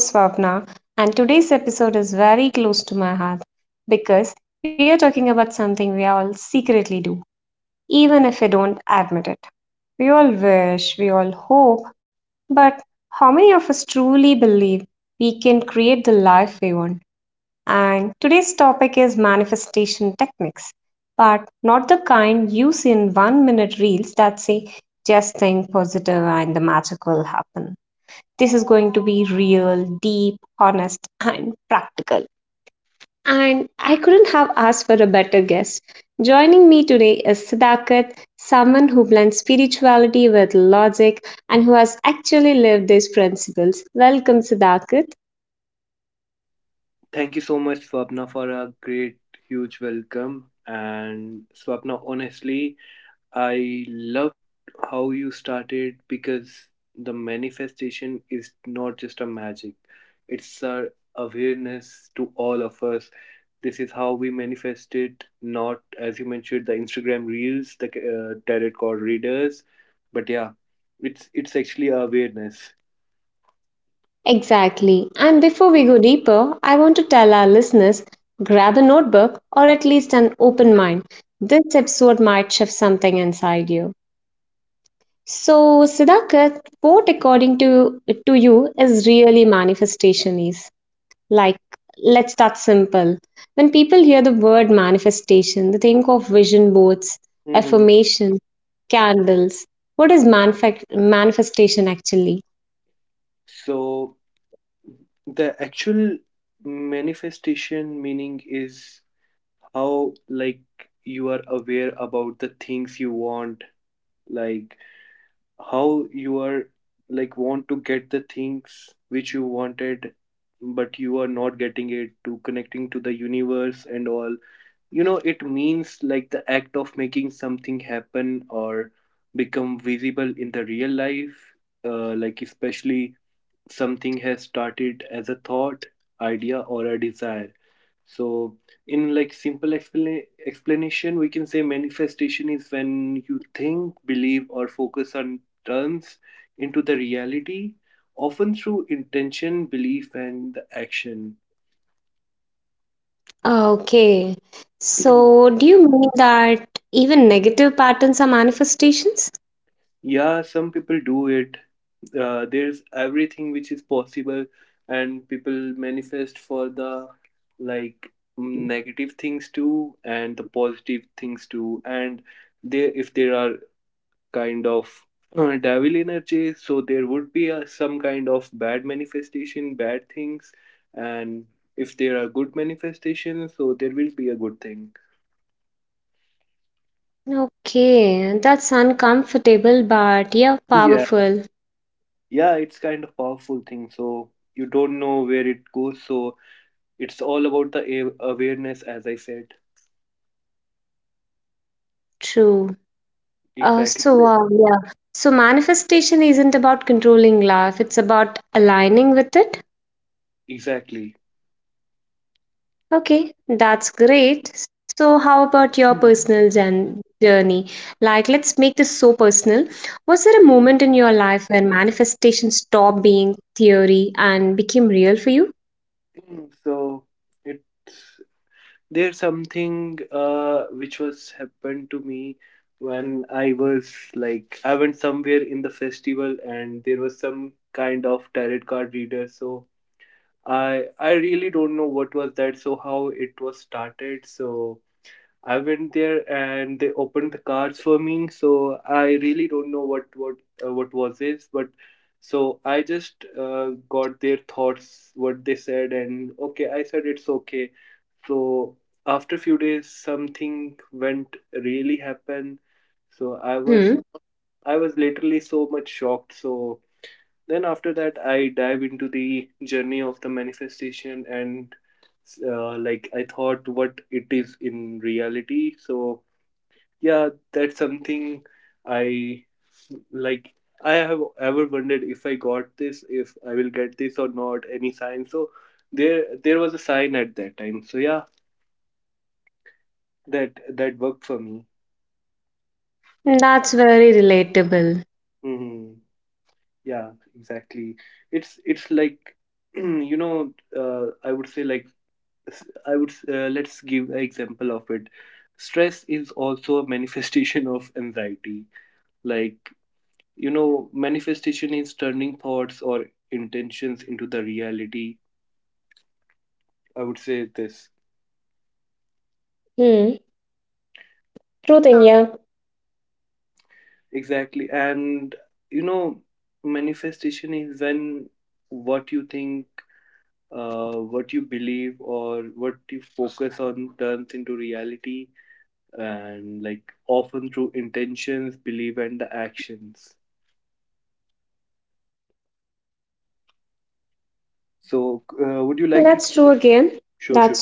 Swapna, and today's episode is very close to my heart because we are talking about something we all secretly do, even if we don't admit it. We all wish, we all hope, but how many of us truly believe we can create the life we want? And today's topic is manifestation techniques, but not the kind used in 1-minute reels that say, just think positive and the magic will happen. This is going to be real, deep, honest, and practical. And I couldn't have asked for a better guest. Joining me today is Siddharth, someone who blends spirituality with logic and who has actually lived these principles. Welcome, Siddharth. Thank you so much, Swapna, for a great, huge welcome. And Swapna, honestly, I loved how you started because the manifestation is not just a magic, it's our awareness to all of us. This is how we manifest it, not as you mentioned, the Instagram reels, the tarot card readers. But yeah, it's actually awareness. Exactly. And before we go deeper, I want to tell our listeners grab a notebook or at least an open mind. This episode might shift something inside you. So, Siddharth, what according to you is really manifestation is? Like, let's start simple. When people hear the word manifestation, they think of vision boards, Mhm. affirmation, candles. What is manifestation actually? So the actual manifestation meaning is how, like, you are aware about the things you want, like how you are, like, want to get the things which you wanted but you are not getting it, to connecting to the universe and all, you know, it means like the act of making something happen or become visible in the real life, like especially something has started as a thought, idea, or a desire. So in like simple explanation, we can say manifestation is when you think, believe, or focus on turns into the reality, often through intention, belief, and the action. Okay. So, do you mean that even negative patterns are manifestations? Yeah, some people do it. There's everything which is possible, and people manifest for the, like, negative things too, and the positive things too. And they, if there are kind of devil energies, so there would be some kind of bad manifestation, bad things, and if there are good manifestations, so there will be a good thing. Okay, that's uncomfortable, but yeah, Yeah, powerful. yeah, it's kind of powerful thing. So you don't know where it goes, so it's all about the awareness, as I said. True. Exactly. So, yeah. So, Manifestation isn't about controlling life, it's about aligning with it. Exactly. Okay, that's great. So, how about your Mm, personal journey? Like, let's make this so personal. Was there a moment in your life when manifestation stopped being theory and became real for you? so it's, there's something which was happened to me when I was, like, I went somewhere in the festival and there was some kind of tarot card reader. So I really don't know what was that. So how it was started. So I went there and they opened the cards for me. So I really don't know what what was this, but so I just got their thoughts, what they said, and okay, I said it's okay. So after a few days, something went really happened. So I was, Hmm, I was literally so much shocked. So then after that, I dive into the journey of the manifestation, and like I thought what it is in reality. So yeah, that's something I, like, I have ever wondered if I got this, if I will get this or not, any sign. So there was a sign at that time, so yeah, that worked for me. that's very relatable. Hmm. Yeah. Exactly. It's like, you know, I would say, like, I would let's give an example of it. Stress is also a manifestation of anxiety. Like, you know, manifestation is turning thoughts or intentions into the reality, I would say this. Hmm, true thing, yeah. Exactly. And you know, manifestation is when what you think, what you believe, or what you focus on turns into reality, and like often through intentions, belief, and the actions. That's true So again. Would you like to, That's true. I. sure, sure,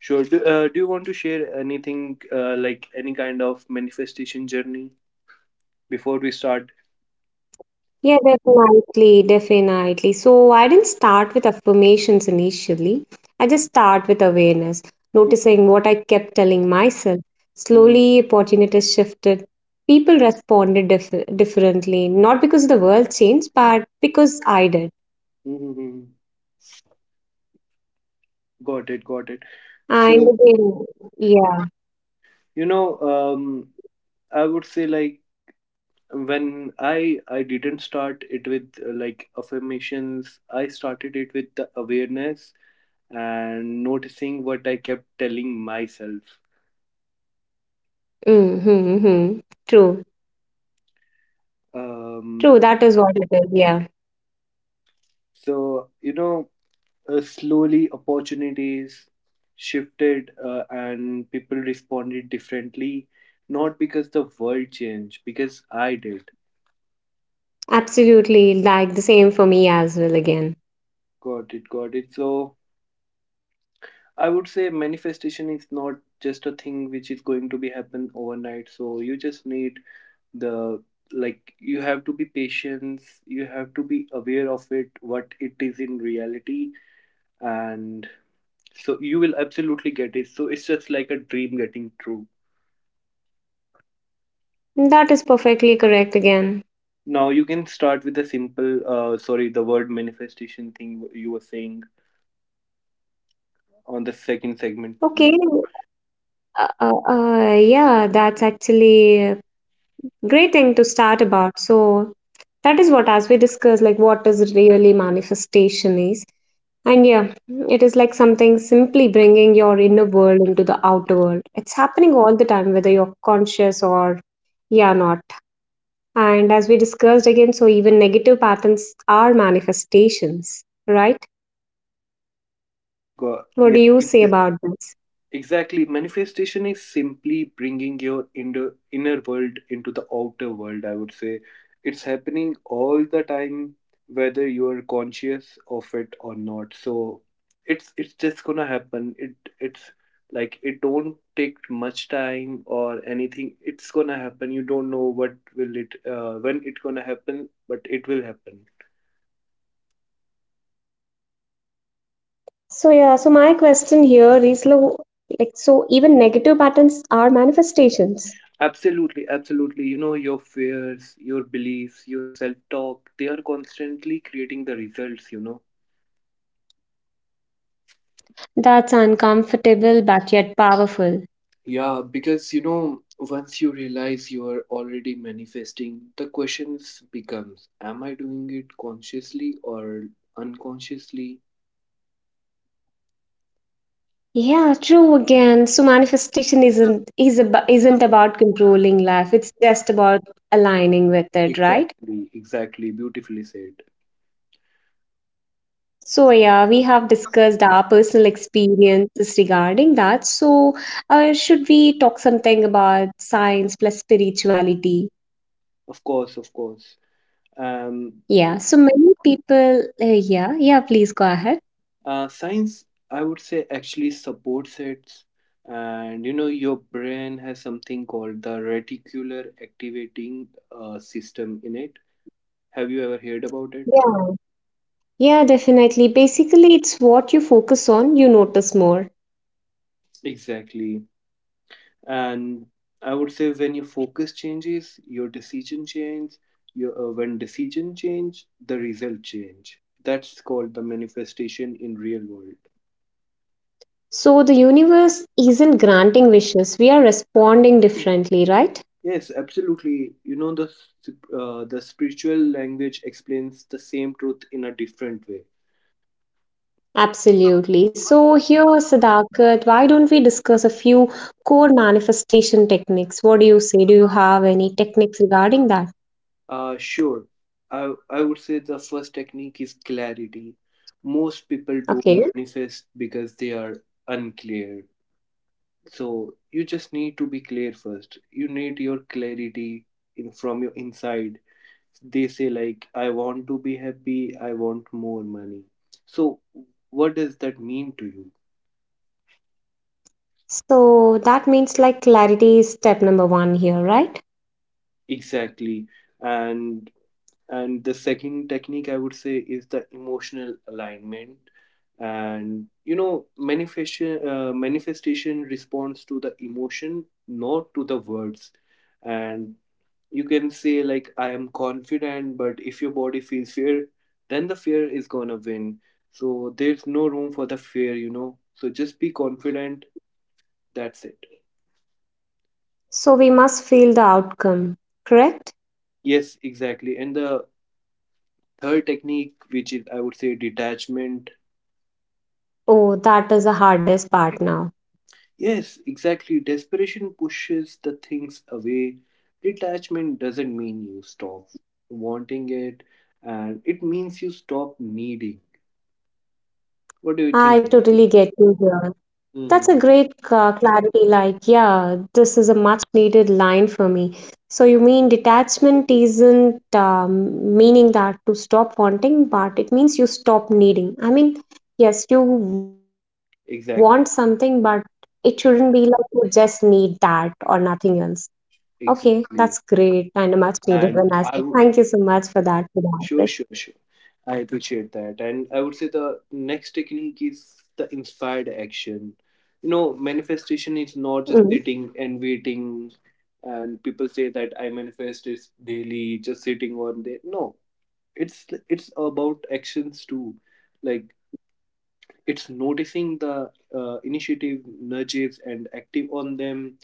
sure, do, do you want to share anything like any kind of manifestation journey before we start. Yeah, definitely, definitely. So I didn't start with affirmations initially. I just start with awareness, noticing what I kept telling myself. Slowly, Mhm, opportunities shifted. People responded differently, not because the world changed, but because I did. mhm. Got it, got it. So, And again, yeah, you know, I would say like when I didn't start it with like affirmations, I started it with the awareness and noticing what I kept telling myself. mm-hmm. Hmm. True, Um, true. That is what it is. Yeah, so, you know, slowly opportunities shifted and people responded differently, not because the world changed, because I did. absolutely. Like the same for me as well again. Got it, got it. So I would say manifestation is not just a thing which is going to be happen overnight. So you just need the, like, you have to be patient, you have to be aware of it, what it is in reality, and so you will absolutely get it. So it's just like a dream getting true. That is perfectly correct again. Now you can start with the simple uh, sorry, the word manifestation thing you were saying on the second segment. Okay. Yeah, that's actually a great thing to start about. So that is what, as we discussed, like what is really manifestation is. And yeah, it is like something simply bringing your inner world into the outer world. It's happening all the time, whether you're conscious or yeah, not. And as we discussed again, so even negative patterns are manifestations, right? Go What yeah. do you say about this? Exactly. Manifestation is simply bringing your inner, inner world into the outer world, I would say. It's happening all the time, whether you're conscious of it or not. So it's just gonna happen. It's like it don't take much time or anything. It's gonna happen. You don't know what will it when it gonna happen, but it will happen. So yeah, so my question here is like so even negative patterns are manifestations. Absolutely, absolutely. You know, your fears, your beliefs, your self talk, they are constantly creating the results, you know. That's uncomfortable but yet powerful. Yeah, because you know, once you realize you are already manifesting, the questions becomes, am I doing it consciously or unconsciously? Yeah, true again. So manifestation isn't is ab- isn't about controlling life. It's just about aligning with it, right? Exactly, exactly. Beautifully said. So yeah, we have discussed our personal experiences regarding that. So should we talk something about science plus spirituality? Of course, of course. Um, Yeah. So many people. Yeah, yeah. Please go ahead. Science, I would say, actually supports it. And you know, your brain has something called the reticular activating system in it. Have you ever heard about it? Yeah, yeah, definitely. Basically, it's what you focus on, you notice more. Exactly. And I would say when your focus changes, your decision change. Your, when decision change, the result change. That's called the manifestation in real world. So the universe isn't granting wishes, we are responding differently, right? Yes, absolutely. You know, the the spiritual language explains the same truth in a different way. Absolutely. So here, Sadakat, why don't we discuss a few core manifestation techniques? What do you say? Do you have any techniques regarding that? Sure. I would say the first technique is clarity. Most people don't Okay. manifest because they are unclear. So you just need to be clear first. You need your clarity in, from your inside. They say like, I want to be happy. I want more money. So what does that mean to you? So that means like clarity is step number one here, right? Exactly. And the second technique I would say is the emotional alignment. And you know, manifestation manifestation responds to the emotion, not to the words. And you can say like I am confident, but if your body feels fear, then the fear is gonna win. So there's no room for the fear, you know. So just be confident, that's it. So we must feel the outcome, correct? Yes, exactly. And the third technique, which is I would say detachment. Oh, that is the hardest part now. Yes, exactly. Desperation pushes the things away. Detachment doesn't mean you stop wanting it, and it means you stop needing. What do you think I about this? totally get you here. That's a Mhm. great clarity. Like, yeah, this is a much needed line for me. So, you mean detachment isn't meaning that to stop wanting, but it means you stop needing. I mean, yes, you want something, Exact, but it shouldn't be like you just need that or nothing else. Okay, that's exactly. great and a much needed one And as well. Thank you so much for that, sure, Siddharth. sure, sure. I appreciate that. And I would say the next technique is the inspired action. You know, manifestation is not just Mhm. sitting and waiting. And people say that I manifest is daily, just sitting on there. No, it's about actions too, like it's noticing the initiative nudges and active on them.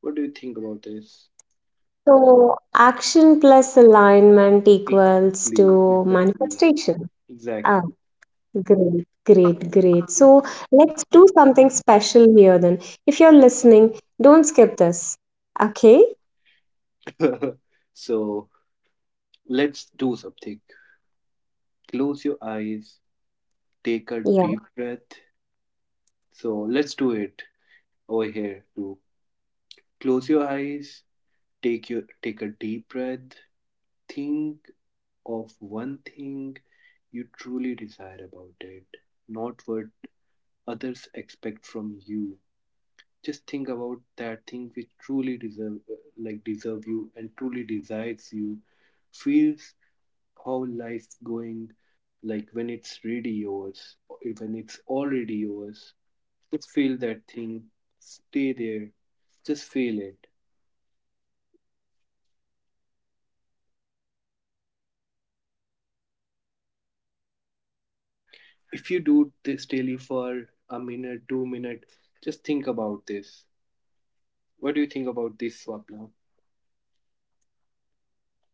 What do you think about this? So action plus alignment equals Exactly, to exactly, manifestation. Ah, exactly. great, great, great. So let's do something special here then. If you're listening, don't skip this. Okay? So let's do something. Close your eyes, Yeah. take a deep breath. So let's do it over here too. Close your eyes, take your, take a deep breath, think of one thing you truly desire about it, not what others expect from you. Just think about that thing which truly deserve, like deserve you and truly desires you. Feels how life's going, like when it's really yours, or when it's already yours. Just feel that thing. Stay there. Just feel it. If you do this daily for a minute, 2 minutes, just think about this. What do you think about this, Swapna?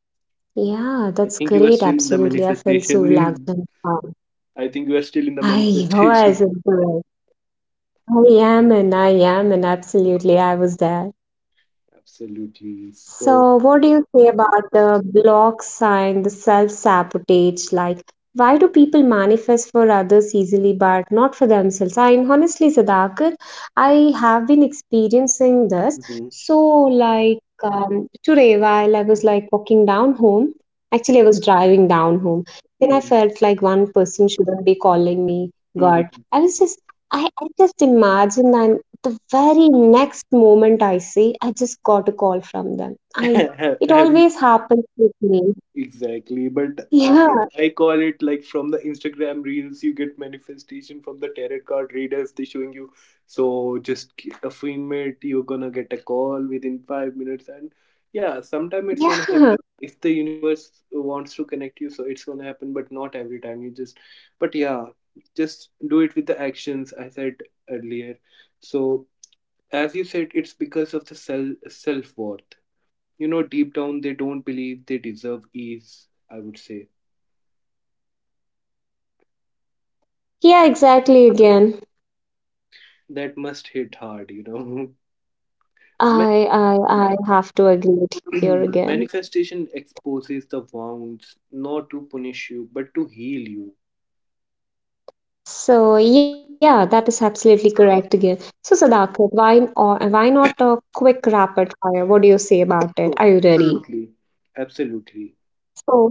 Yeah, that's I great. think you are still in Absolutely. the I feel so relaxed and manifestation. calm. I think you are still in the I was manifestation. into it. I am and absolutely I was there. Absolutely. So, So, what do you say about the block sign, the self-sabotage? Like, why do people manifest for others easily but not for themselves? I honestly, Sudhakar, I have been experiencing this. mhm. So, like, today while I was like walking down home, actually, I was driving down home. Then I Mhm. felt like one person shouldn't be calling me God. Mhm. I was just, I just imagined and. The very next moment I say, I just got a call from them. I, it Have you, always happens with me. exactly, but Yeah, I call it like from the Instagram reels, you get manifestation from the tarot card readers. They showing you, so just get a minute, you're gonna get a call within 5 minutes, and yeah, sometime it's gonna yeah, happen if the universe wants to connect you, so it's gonna happen, but not every time. You just, but yeah, just do it with the actions I said earlier. So as you said, it's because of the self worth, you know, deep down they don't believe they deserve ease, I would say. yeah, exactly again. That must hit hard, you know. Ma- I I I have to agree with here again. manifestation exposes the wounds not to punish you but to heal you. So yeah, that is absolutely correct again. So Sadakat, why or why not a quick rapid fire? What do you say about it? Oh, Are you ready? absolutely, absolutely. So.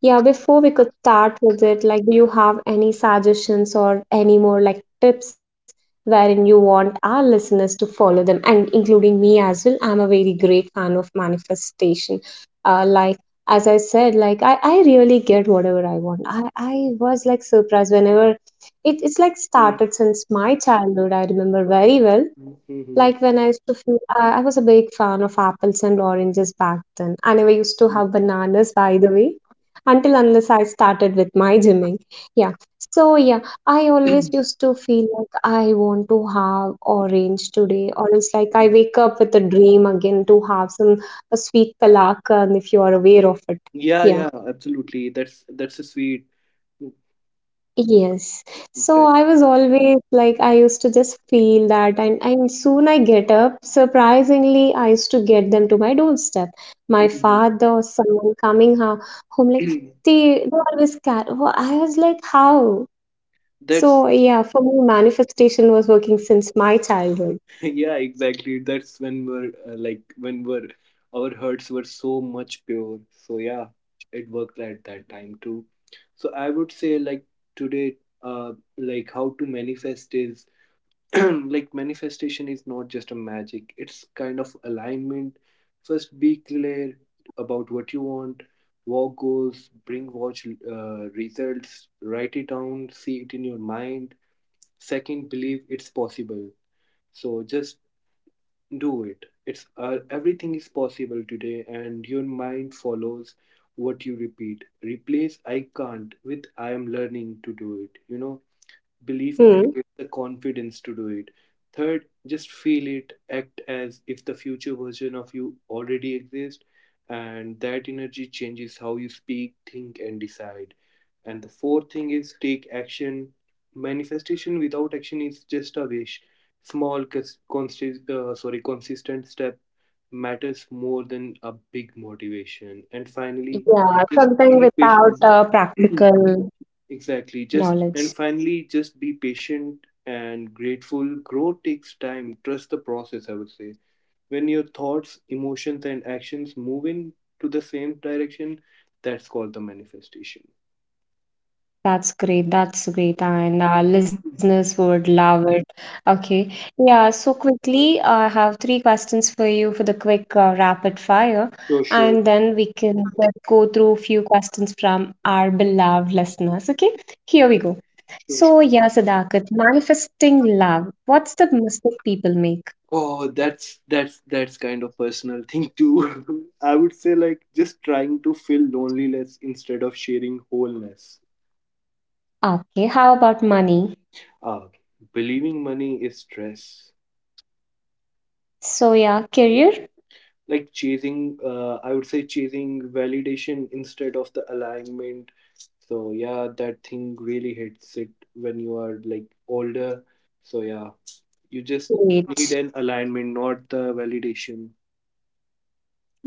Yeah, before we could start with it, like, do you have any suggestions or any more like tips wherein you want our listeners to follow them, and including me as well? I'm a very great fan of manifestation. Like, as I said, like, I really get whatever I want. I was like surprised whenever it's like started since my childhood. I remember very well Mm-hmm. like when I used to feel, I was a big fan of apples and oranges back then. I never used to have bananas, by the way, until unless I started with my gymming. Yeah. So, yeah, I always used to feel like I want to have orange today, or else like I wake up with a dream again to have some a sweet palak, and if you are aware of it. Yeah, Yeah. yeah, absolutely, that's a sweet. Yes. So That- I was always like, I used to just feel that, and soon I get up. Surprisingly, I used to get them to my doorstep. My father or someone coming home, like, they always cat. Well, I was like, how? that's So, yeah, for me, manifestation was working since my childhood. yeah exactly, that's when we're like when we're, our hearts were so much pure, so yeah, it worked at that time too. So I would say like today, like how to manifest is, like manifestation is not just a magic, it's kind of alignment. First, be clear about what you want, walk goals, bring watch results, write it down, see it in your mind. Second, believe it's possible. So just do it. It's everything is possible today, and your mind follows what you repeat. Replace I can't with I am learning to do it. You know, belief Hmm. creates the confidence to do it. Third, just feel it, act as if the future version of you already exists, and that energy changes how you speak, think, and decide. And the fourth thing is take action. Manifestation without action is just a wish. Small sorry, consistent step matters more than a big motivation. And Yeah, finally, something just without be patient. practical Exactly. knowledge. Just and finally, just be patient and grateful. Growth takes time. Trust the process, I would say. When your thoughts, emotions, and actions move in to the same direction, that's called the manifestation. That's great. That's great. And our listeners would love it. Okay. Yeah. So, quickly, I have three questions for you for the quick rapid fire. Sure, sure, And then we can just go through a few questions from our beloved listeners. Okay. Here we go. sure, sure. So, yeah, Sadakat, manifesting love. What's the mistake people make? Oh, that's that's kind of personal thing too. I would say like just trying to fill loneliness instead of sharing wholeness. Okay. How about money? Ah, believing money is stress. So, yeah, career? Like chasing I would say chasing validation instead of the alignment. So yeah, that thing really hits it when you are like older, so yeah, you just need Great. an alignment, not the validation.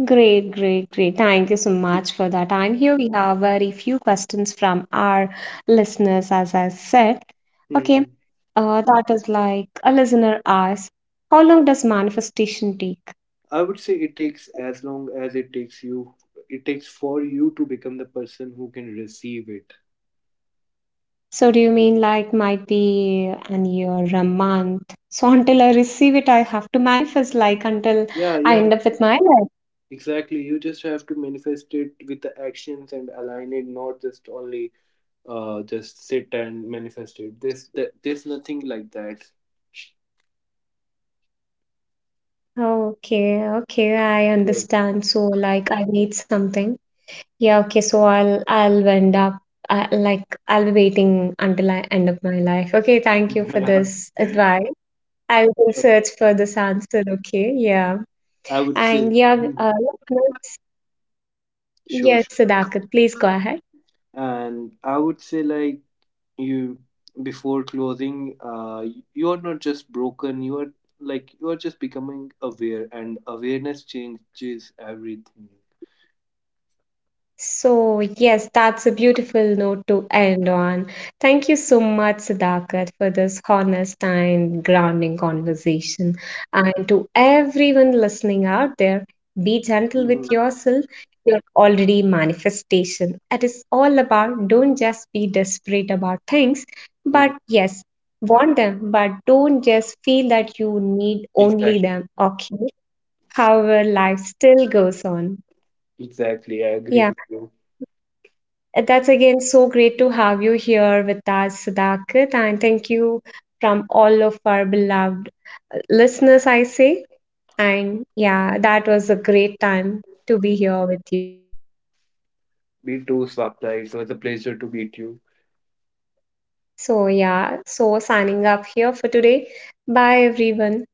Great, great, great. Thank you so much for that. And here we have very few questions from our listeners, as I said. Okay, Hmm. That is like a listener asks, how long does manifestation take? I would say it takes as long as it takes you, it takes for you to become the person who can receive it. So, do you mean like might be an year, a month? So, until I receive it, I have to manifest, like until Yeah, you I have, end up with my life. exactly, you just have to manifest it with the actions and align it, not just only just sit and manifest it. There's nothing like that. Okay, okay, I understand. So, like, I need something. Yeah, okay, so I'll end up I, like I'll be waiting until I end up my life. Okay, thank you for Yeah. this advice. I will search for this answer, okay? Yeah. I would say, And mhm. yeah, Sure, yes, sure. Sudhakar, please go ahead. And I would say like, you, before closing, you are not just broken. You are, like you are just becoming aware, and awareness changes everything. So, yes, that's a beautiful note to end on. Thank you so much, Sadakat, for this honest and grounding conversation. And to everyone listening out there, be gentle with Mhm. yourself. You're already manifestation. It is all about don't just be desperate about things, Mhm. but yes, want them, but don't just feel that you need only Exactly. them. Okay, however, life still goes on. Exactly. I agree Yeah. with you. And that's again so great to have you here with us, Sudhakar, and thank you from all of our beloved listeners, I say. And yeah, that was a great time to be here with you. Me too, Swapta. It was a pleasure to meet you. So, yeah, so signing up here for today. Bye, everyone.